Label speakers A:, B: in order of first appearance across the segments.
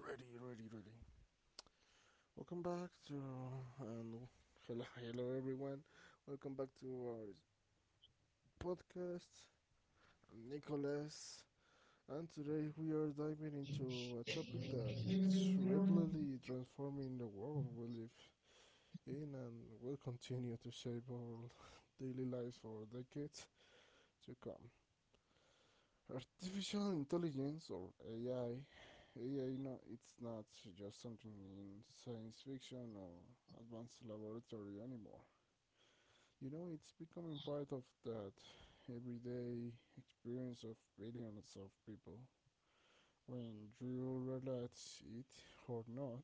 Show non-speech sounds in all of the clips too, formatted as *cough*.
A: ready. Welcome back to and hello, hello everyone. Welcome back to our podcast. I'm Nicholas, and today we are diving into a topic that is rapidly transforming the world we live in and will continue to shape our daily lives for decades to come. Artificial intelligence or AI, AI know, it's not just something in science fiction or advanced laboratory anymore. It's becoming part of that everyday experience of billions of people. When you realize it or not,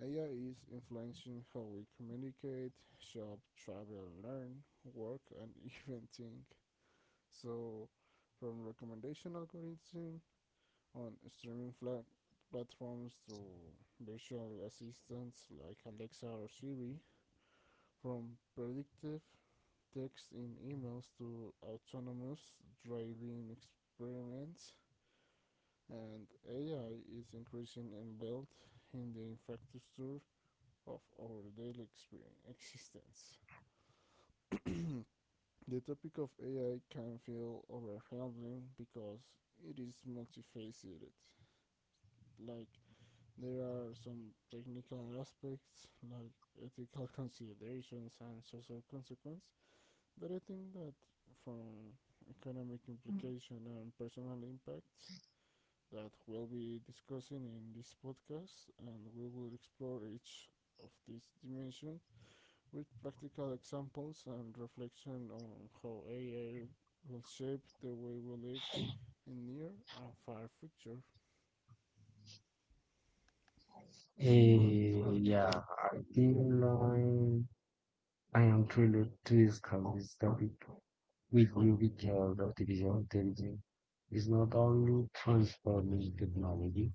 A: AI is influencing how we communicate, shop, travel, learn, work, and *laughs* even think. So, from recommendation algorithms on streaming flat platforms to virtual assistants like Alexa or Siri, from predictive text in emails to autonomous driving experiments, and AI is increasing embedded in the infrastructure of our daily existence. The topic of AI can feel overwhelming because it is multifaceted, like there are some technical aspects like ethical considerations and social consequence, but I think that from economic implication and personal impact that we'll be discussing in this podcast, and we will explore each of these dimensions with practical examples and reflection on how AI will shape the way we live in near and far future.
B: Eh, yeah, I think um, I am thrilled to discuss this topic with you because artificial intelligence is not only transforming technology,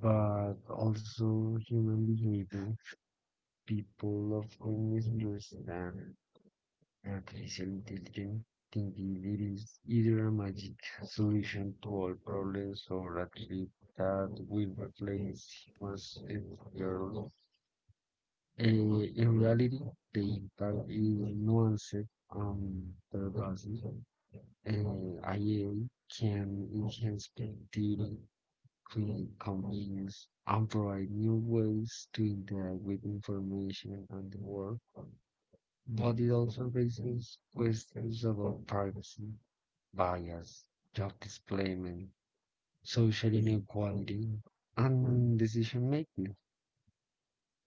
B: but also human behavior. People often misunderstand artificial intelligence, thinking it is either a magic solution to all problems or a trick that will replace human. In reality, the impact is nuanced on the body. IA can enhance productivity, create convenience, and provide new ways to interact with information and the world. But it also raises questions about privacy, bias, job displacement, social inequality, and decision making.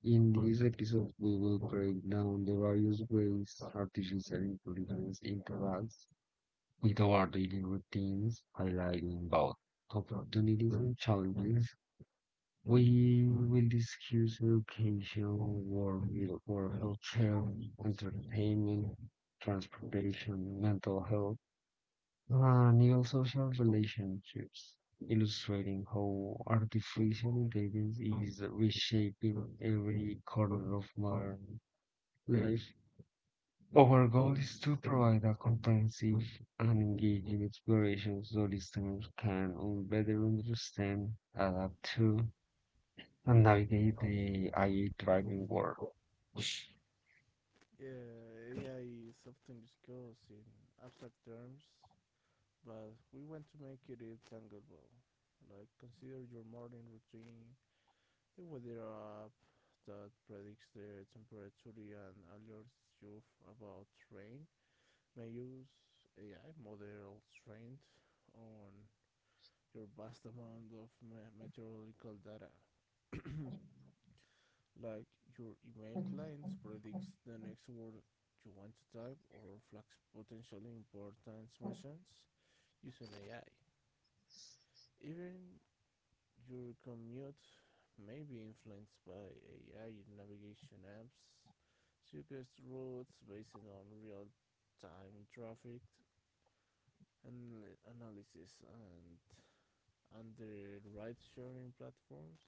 B: In this episode, we will break down the various ways artificial intelligence interacts with our daily routines, highlighting both opportunities and challenges. We will discuss education, work, healthcare, entertainment, transportation, mental health, and even social relationships, illustrating how artificial intelligence is reshaping every corner of modern like, our goal is to provide a comprehensive and engaging exploration so listeners can better understand, adapt to, and navigate the AI driving world.
A: Yeah, AI is often discussed in abstract terms, but we want to make it tangible. Like consider your morning routine, the weather app that predicts the temperature and alerts you about rain. May use AI models trained on your vast amount of meteorological data. *clears throat* *coughs* Like your email clients predicts the next word you want to type or flags potentially important mentions using AI. Even your commute may be influenced by AI navigation apps, suggest routes based on real-time traffic and analysis, and under ride-sharing platforms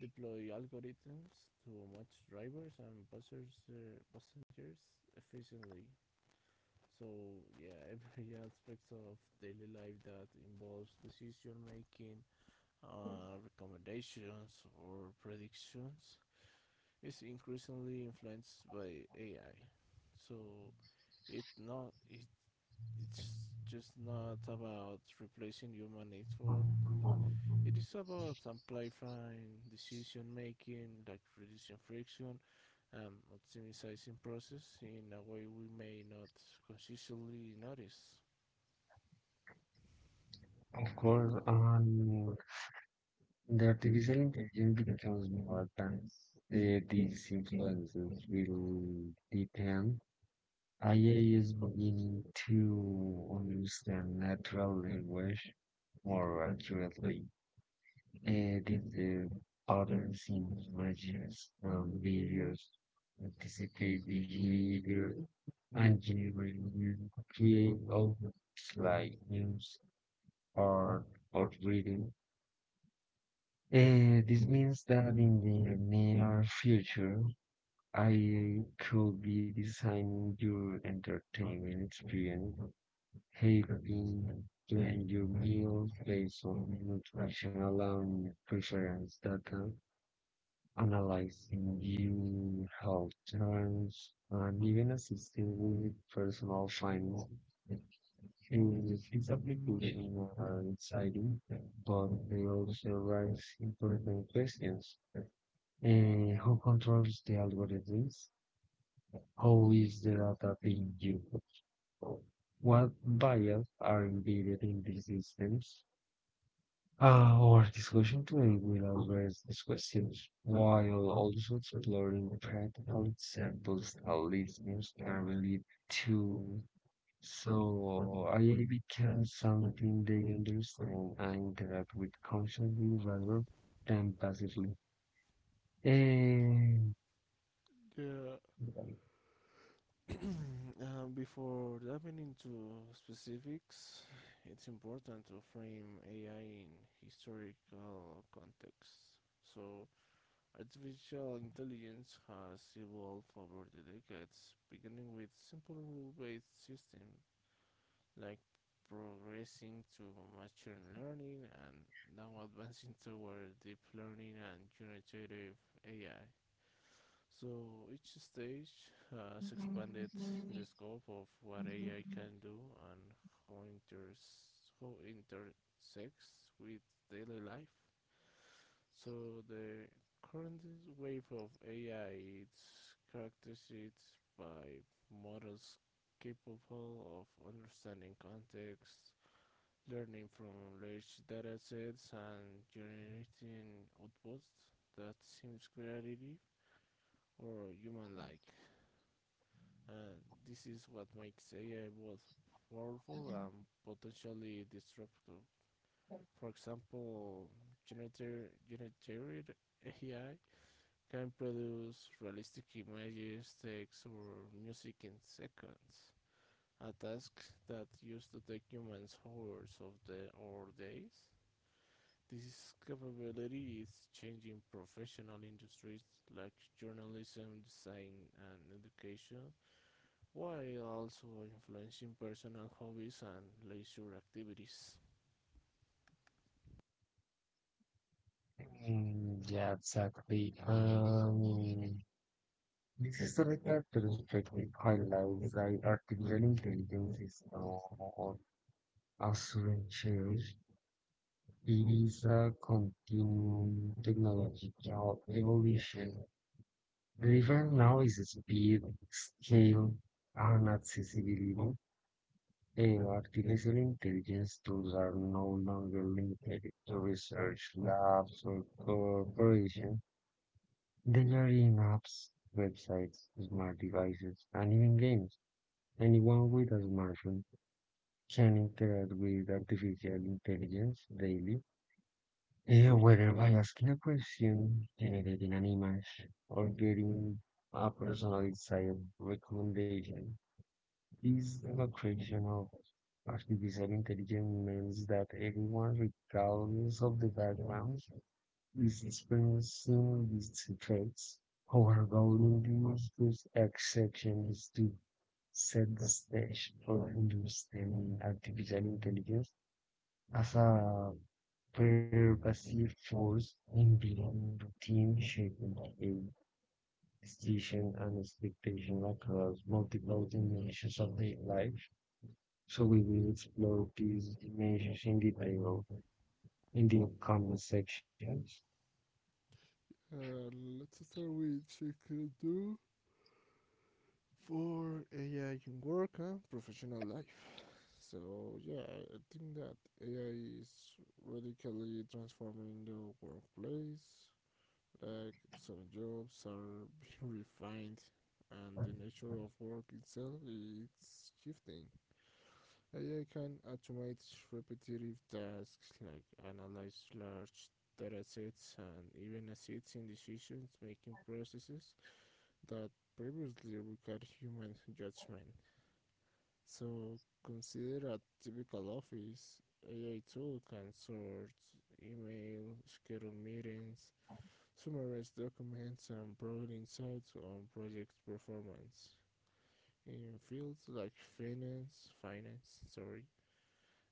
A: deploy algorithms to match drivers and passengers efficiently. So yeah, *laughs* every aspect of daily life that involves decision making, recommendations or predictions is increasingly influenced by AI. So it not it, it's just not about replacing human needs for it is about amplifying decision making, like reducing friction and optimizing process in a way we may not consciously notice.
B: Of course, the artificial intelligence becomes more advanced. These influences will depend. IA is beginning to understand natural language more accurately. Did the other things images and videos anticipate the leader engineering create objects like news, art, or reading? This means that in the near future, I could be designing your entertainment experience, helping plan your meals based on nutritional and preference data. Analyzing new health terms and even assisting with personal finance is this application are exciting, but they also raise important questions. Who controls the algorithms? How is the data being used? What bias are embedded in these systems? Our discussion today will address these questions while also exploring practical examples that listeners can relate to, so I become something they understand and interact with consciously rather than passively. And
A: Yeah. *coughs* Before diving into specifics, it's important to frame AI in historical context. So, artificial intelligence has evolved over the decades, beginning with simple rule based systems, like progressing to machine learning and now advancing toward deep learning and generative AI. So each stage has expanded the scope of what AI can do and how, inters- how it intersects with daily life. So the current wave of AI is characterized by models capable of understanding context, learning from large datasets, and generating outputs that seem creative or human-like. And this is what makes AI both powerful and potentially disruptive. For example, generative AI can produce realistic images, text, or music in seconds, a task that used to take humans hours of the or days. Discoverability is changing professional industries like journalism, design, and education, while also influencing personal hobbies and leisure activities.
B: mm, yeah, exactly. This is the right perspective highlights that artificial intelligence is now of sutures. It is a continuing technological evolution, driven now is speed, scale, and accessibility. And artificial intelligence tools are no longer limited to research labs or corporations. They are in apps, websites, smart devices, and even games. Anyone with a smartphone can interact with artificial intelligence daily. Whether by asking a question, generating an image, or getting a personalized recommendation, this demonstration of artificial intelligence means that everyone, regardless of the background, is experiencing these effects. Our goal in this exception is to set the stage for understanding artificial intelligence as a pervasive force embedding routine, shaping a decision and expectation across multiple dimensions of daily life. So we will explore these dimensions in detail in the upcoming sections.
A: Uh, let's start with Chikadu for AI in work and professional life. So yeah, I think that AI is radically transforming the workplace. Like some jobs are *laughs* being refined and the nature of work itself is shifting. AI can automate repetitive tasks like analyze large datasets, and even assist in decision-making processes that previously required human judgment. So consider a typical office. AI tool can sort email, schedule meetings, summarize documents, and provide insights on project performance. In fields like finance,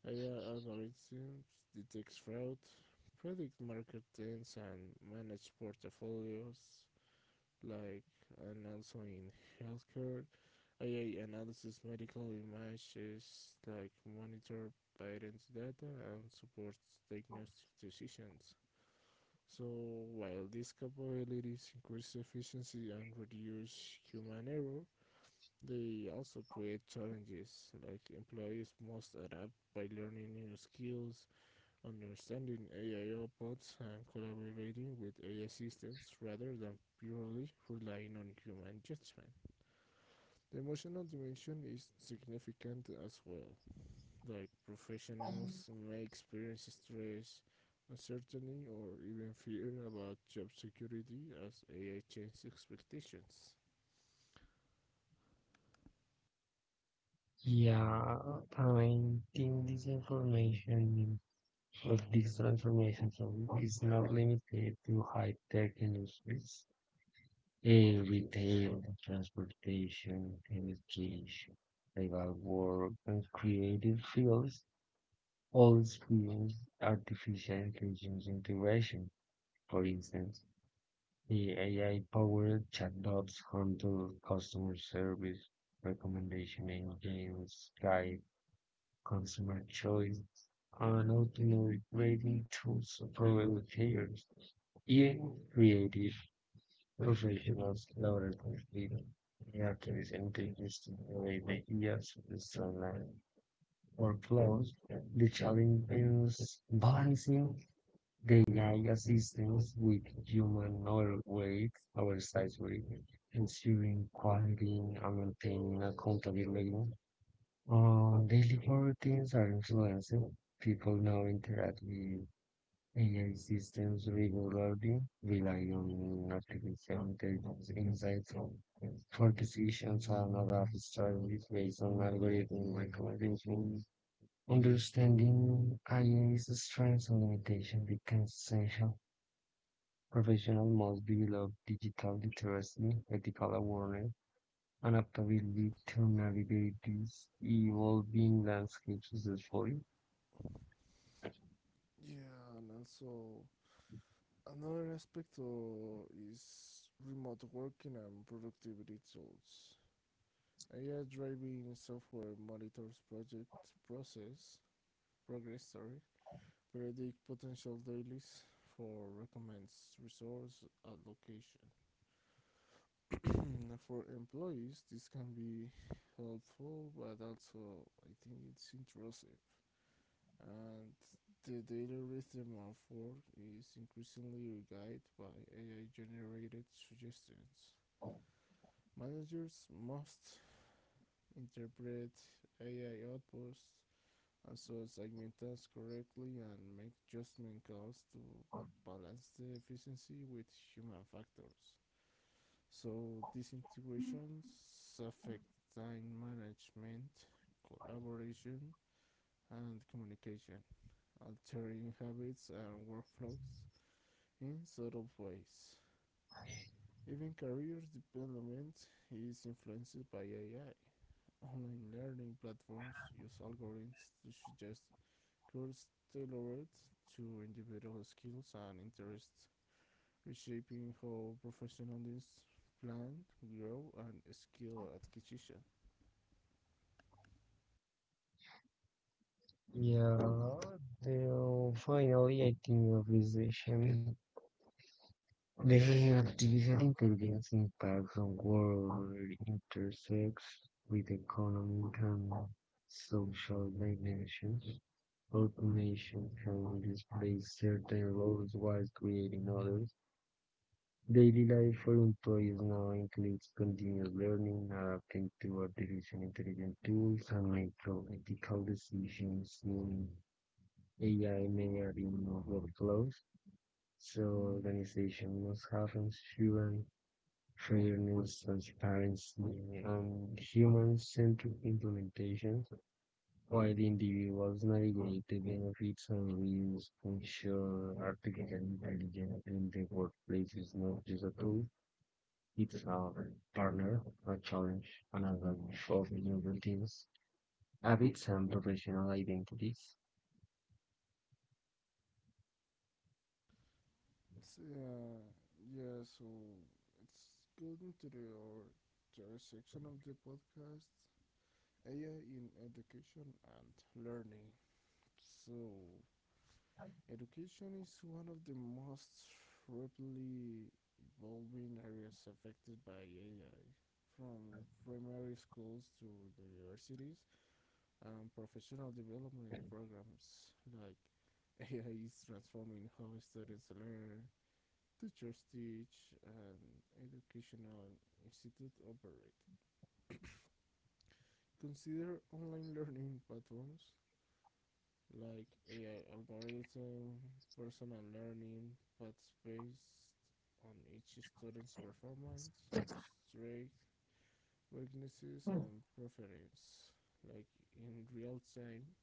A: AI algorithms detect fraud, predict market trends, and manage portfolios. Like and also in healthcare, AI analysis medical images, like monitor patient data and supports diagnostic decisions. So while these capabilities increase efficiency and reduce human error, they also create challenges, like employees must adapt by learning new skills, understanding AI robots, and collaborating with AI systems rather than purely relying on human judgment. The emotional dimension is significant as well. Like professionals may experience stress, uncertainty, or even fear about job security as AI changes expectations.
B: Yeah, I think this information or these transformations is not limited to high tech industries. Eh, retail, transportation, education, legal work, and creative fields all experience artificial intelligence integration. For instance, the AI-powered chatbots handle customer service, recommendation engines, guide consumer choice, and automated rating tools for educators. Even creative Usually he was lauded for freedom. He actually encouraged the way the years of Israel were closed, the Chaldeans balancing the assistance with human oil weight oversized weight, ensuring quality and maintaining accountability. Daily routines are influenced. People now interact with AI systems regularly rely on artificial intelligence insights for decisions and other strategies based on algorithm recommendation. Understanding IA's strengths and limitations becomes essential. Professionals must develop digital literacy, ethical awareness, and adaptability to navigate these evolving landscapes successfully.
A: Yeah, and also another aspect, is remote working and productivity tools. AI driven software monitors project process progress, sorry, predict potential dailies for recommends resource allocation. *coughs* For employees, this can be helpful, but also I think it's intrusive. And the daily rhythm of work is increasingly guided by AI generated suggestions. Managers must interpret AI outputs and so segment tasks correctly and make adjustment calls to balance the efficiency with human factors. So these integrations affect time management, collaboration, and communication, altering habits and workflows in subtle ways. Even career development is influenced by AI. Online learning platforms use algorithms to suggest courses tailored to individual skills and interests, reshaping how professionals plan, grow, and skill acquisition.
B: Yeah, finally, I think of this session the artificial intelligence impacts on world intersects with economic and social dimensions. Automation can displace certain roles while creating others. Daily life for employees now includes continuous learning, adapting to artificial intelligence tools, and making ethical decisions in AI may add in workflows. So organizations must have insurance training, transparency, and human-centric implementation, while individuals navigate the benefits and risks, ensure artificial intelligence in the workplace is not just a tool, it's a partner, a challenge, and a way of new routines, habits, and professional identities.
A: Yeah, yeah. So it's good into the our third section of the podcast. AI in education and learning. So, education is one of the most rapidly evolving areas affected by AI, from primary schools to universities and professional development programs. *laughs* AI is transforming how students learn, teachers teach, and educational institutes operate. Consider online learning platforms like AI algorithm, personal learning, but based on each student's performance, strengths, weaknesses, and preference. Like in real time,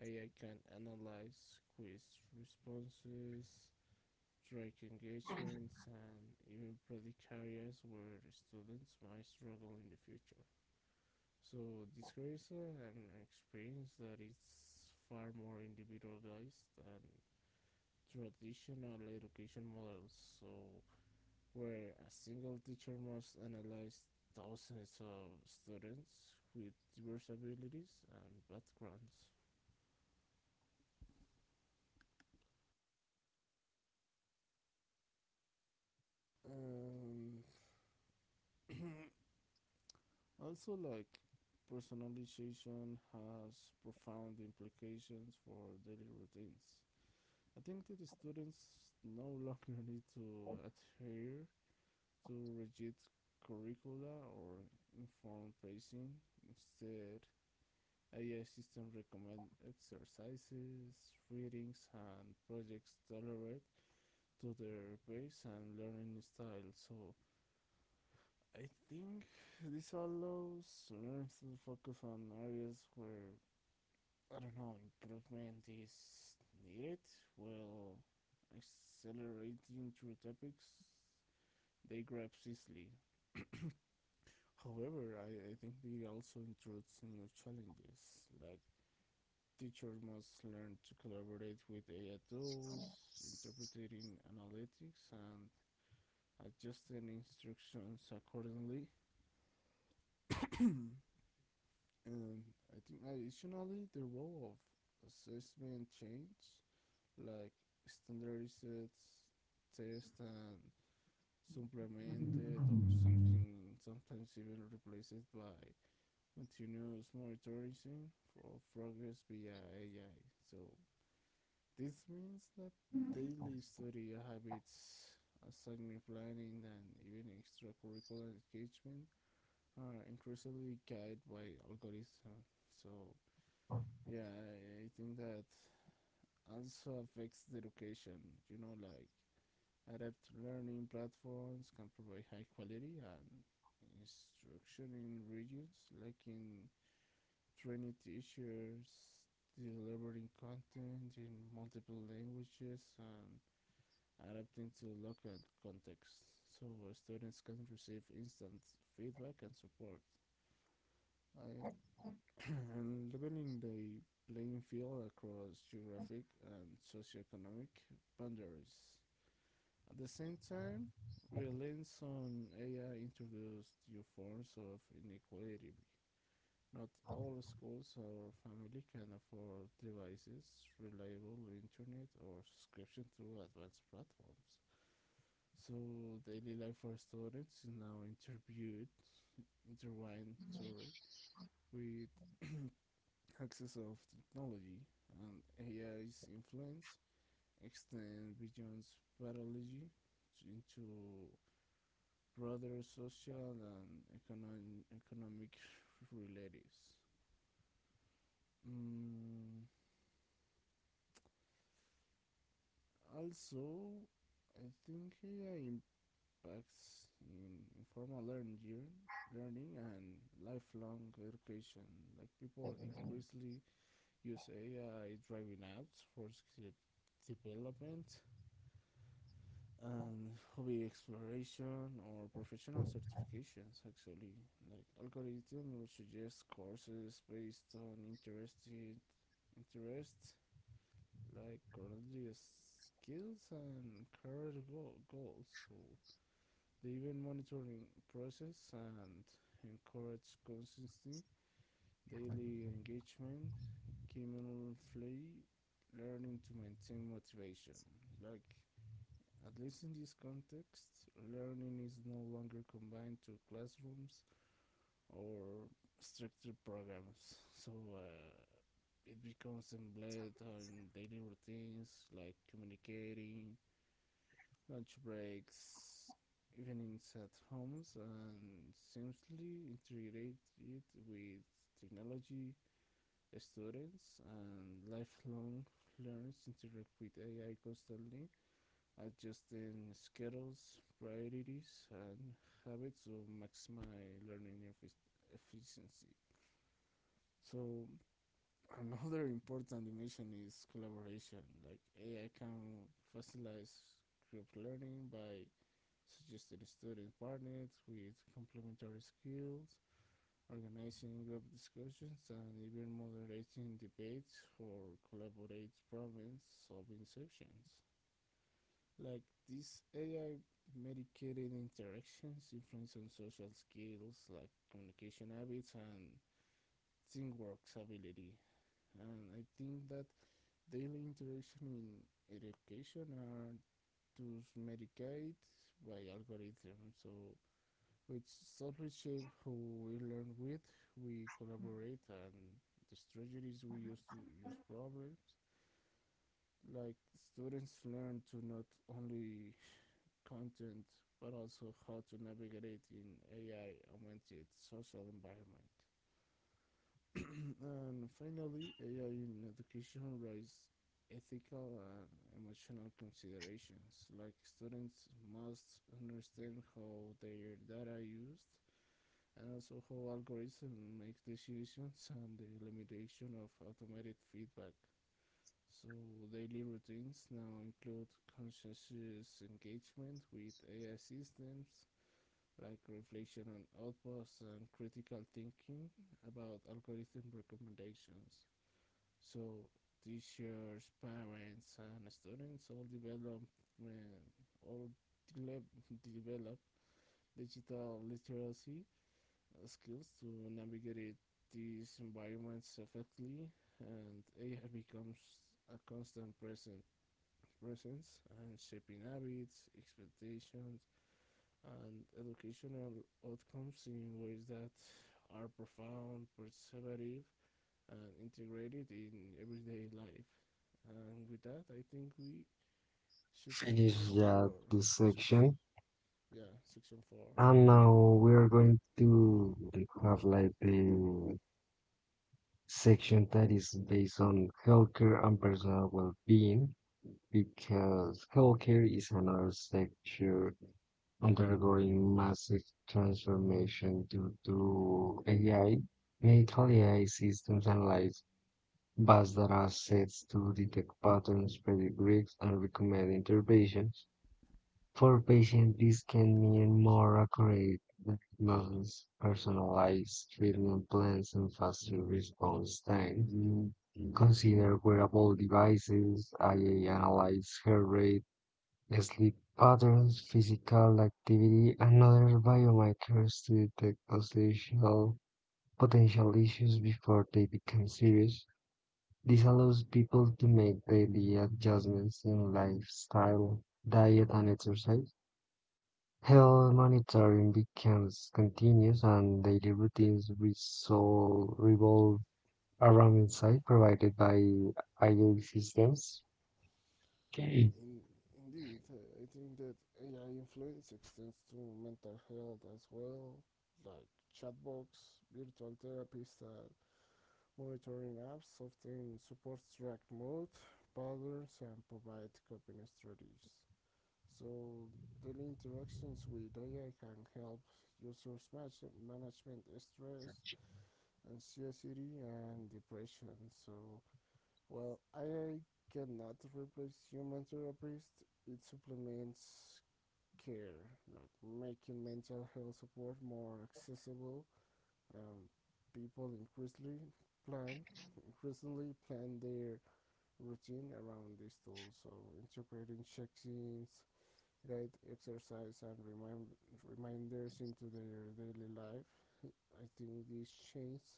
A: AI can analyze quiz responses, track engagements, and even predict areas where the students might struggle in the future. So this creates an experience that is far more individualized than traditional education models, so where a single teacher must analyze thousands of students with diverse abilities and backgrounds. Um, Also, personalization has profound implications for daily routines. I think that the students no *laughs* longer need to adhere to rigid curricula or informed pacing. Instead, AI system recommend exercises, readings, and projects tailored to their pace and learning style. So I think this allows learners to focus on areas where I don't know improvement is needed, while accelerating through topics they grasp easily. However, I think they also introduce new challenges, teachers must learn to collaborate with AI tools, interpreting analytics, and adjusting instructions accordingly. And I think additionally, the role of assessment change, like standardized tests and supplemented or
B: Mm.
A: something sometimes even replaced by continuous monitoring for progress via AI. So this means that daily study habits, assignment planning, and even extracurricular engagement are increasingly guided by algorithms. So, yeah, think that also affects the education. Like adept learning platforms can provide high quality and instruction in regions like in training teachers, delivering content in multiple languages, and adapting to local context, so students can receive instant feedback and support. I, *coughs* and leveling the playing field across geographic and socioeconomic boundaries. At the same time, reliance on AI introduced new forms of inequality. Not all schools or family can afford devices, reliable internet, or subscription to advanced platforms. So daily life for students is now intertwined, with access of technology, and AI's influence extend beyond biology into broader social and economic *laughs* realities. Mm, Also, I think AI impacts in informal learning and lifelong education. Like people increasingly use AI driving apps for skill development and hobby exploration or professional certifications, actually like algorithm will suggest courses based on interested interests, like currently skills and career goals. So they even monitoring process and encourage consistency, daily engagement, continually learning to maintain motivation. Like at least in this context, learning is no longer combined to classrooms or structured programs. *laughs* So it becomes embedded in daily routines like communicating, lunch breaks, evenings at homes, and seamlessly integrated with technology. Students and lifelong learners interact with AI constantly, adjusting schedules, priorities, and habits to maximize learning efficiency. So another important dimension is collaboration. Like AI can facilitate group learning by suggested student partners with complementary skills, organizing group discussions, and even moderating debates or collaborate problem solving sessions. Like these AI medicated interactions influence on social skills like communication habits and teamwork ability. And I think that daily interaction in education are to medicate by algorithms, so with solid shape who we learn with, we collaborate, and the strategies we use to use problems. Like students learn to not only content but also how to navigate in AI augmented social environment. *coughs* And finally, AI in education raises ethical and emotional considerations. Like students must understand how their data are used, and also how algorithms make decisions and the limitation of automated feedback. So daily routines now include conscientious engagement with AI systems like reflection on outputs and critical thinking about algorithm recommendations. So teachers, parents, and students all uh, all de- develop digital literacy skills to navigate these environments effectively, and AI becomes a constant present presence and shaping habits, expectations, and educational outcomes in ways that are profound, perceptive, and integrated in everyday life. And with that, I think we should continue
B: Finish
A: to our
B: this
A: six,
B: section,
A: yeah, section four.
B: and now we're going to have like the section that is based on healthcare and personal well-being, because healthcare is another sector undergoing massive transformation due to AI. Medical AI systems analyze vast data sets to detect patterns, predict risks, and recommend interventions. For patients, this can mean more accurate diagnosis, personalized treatment plans, and faster response times. Mm-hmm. Consider wearable devices, IA analyze heart rate, sleep patterns, physical activity, and other biomarkers to detect potential issues before they become serious. This allows people to make daily adjustments in lifestyle, diet, and exercise. Health monitoring becomes continuous, and daily routines revolve around insight provided by AI systems. Okay.
A: In, indeed, I think that AI influence extends to mental health as well, like chatbots, virtual therapists, and monitoring apps often support track mood, patterns, and provide coping strategies. So daily interactions with AI can help users management stress, anxiety, and depression. So well, AI cannot replace human therapists. It supplements care, like making mental health support more accessible. Um, People plan increasingly plan their routine around these tools. So integrating check-ins, guide exercise, and reminders into their daily life. I think this changes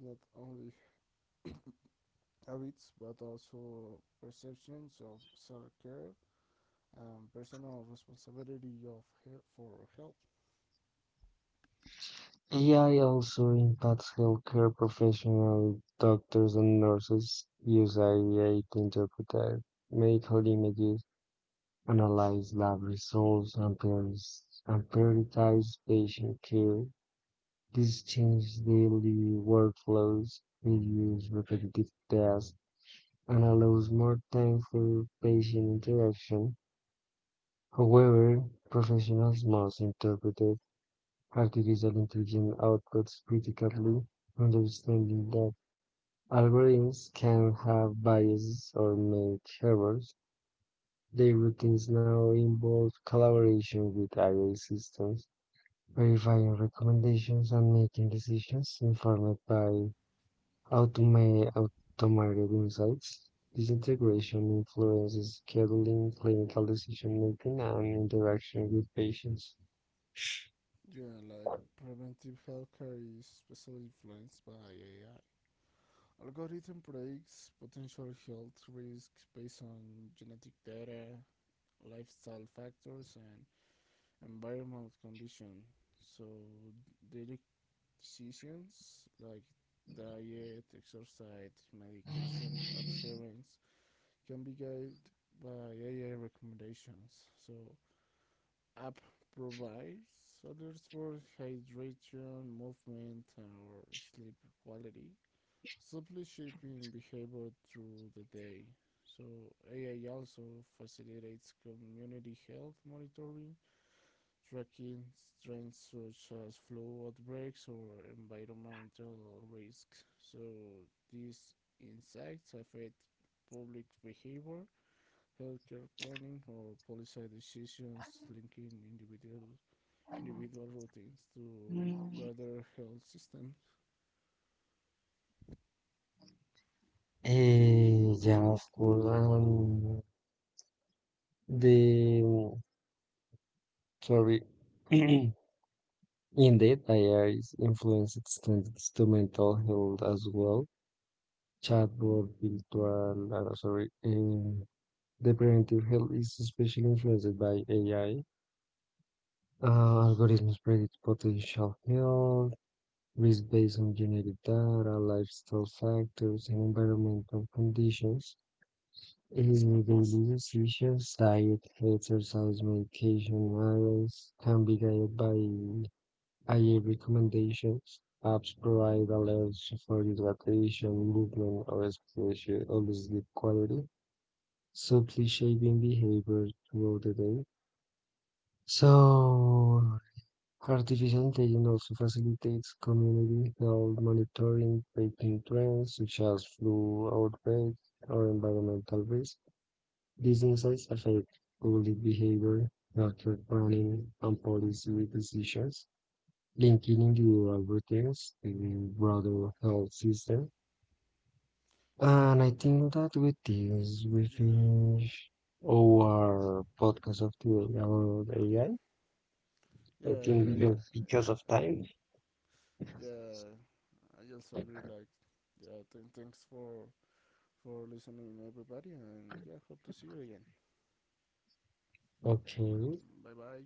A: not only habits but also perceptions of self-care, personal responsibility of health for health.
B: AI also impacts healthcare professionals, doctors and nurses use AI to interpret medical images, analyze lab results, and prioritize patient care. This changes daily workflows, reduce repetitive tasks, and allows more time for patient interaction; however, professionals must interpret artificial intelligence outputs critically, understanding that algorithms can have biases or make errors. Their routines now involve collaboration with AI systems, verifying recommendations and making decisions informed by Automate, automated insights. This integration influences scheduling, clinical decision-making, and interaction with patients.
A: Yeah, like preventive healthcare is especially influenced by AI. Algorithm predicts potential health risks based on genetic data, lifestyle factors, and environmental conditions. So daily decisions like diet, exercise, medication adherence can be guided by AI recommendations. So app provides others for hydration, movement, or sleep quality, simply shaping behavior through the day. So, AI also facilitates community health monitoring, tracking trends such as flu outbreaks or environmental risks. So, these insights affect public behavior, healthcare planning, or policy decisions linking individual routines to
B: Mm.
A: broader health systems.
B: Eh, yeah, of course. The sorry, *clears throat* indeed, AI is influenced standards to mental health as well. Chatbot, virtual, sorry, the preventive health is especially influenced by AI. Uh, Algorithms predict potential health, risk based on genetic data, lifestyle factors, and environmental conditions. Aiding daily decisions, diet, exercise, medication, levels can be guided by IA recommendations. Apps provide alerts for hydration, movement, or exposure, or sleep quality, subtly shaping behavior throughout the day. So, artificial intelligence also facilitates community health monitoring by paying trends such as flu outbreaks or environmental risk. These insights affect public behavior, healthcare planning, and policy decisions, linking individual routines to the broader health system.
A: Uh,
B: And I think that with this, we
A: yeah,
B: finish our podcast of today about AI.
A: yeah,
B: I
A: yeah.
B: I think because of time.
A: Yeah. I also agree. Yeah. Thanks for listening, everybody, and yeah. Hope to see you again.
B: Okay.
A: Bye bye.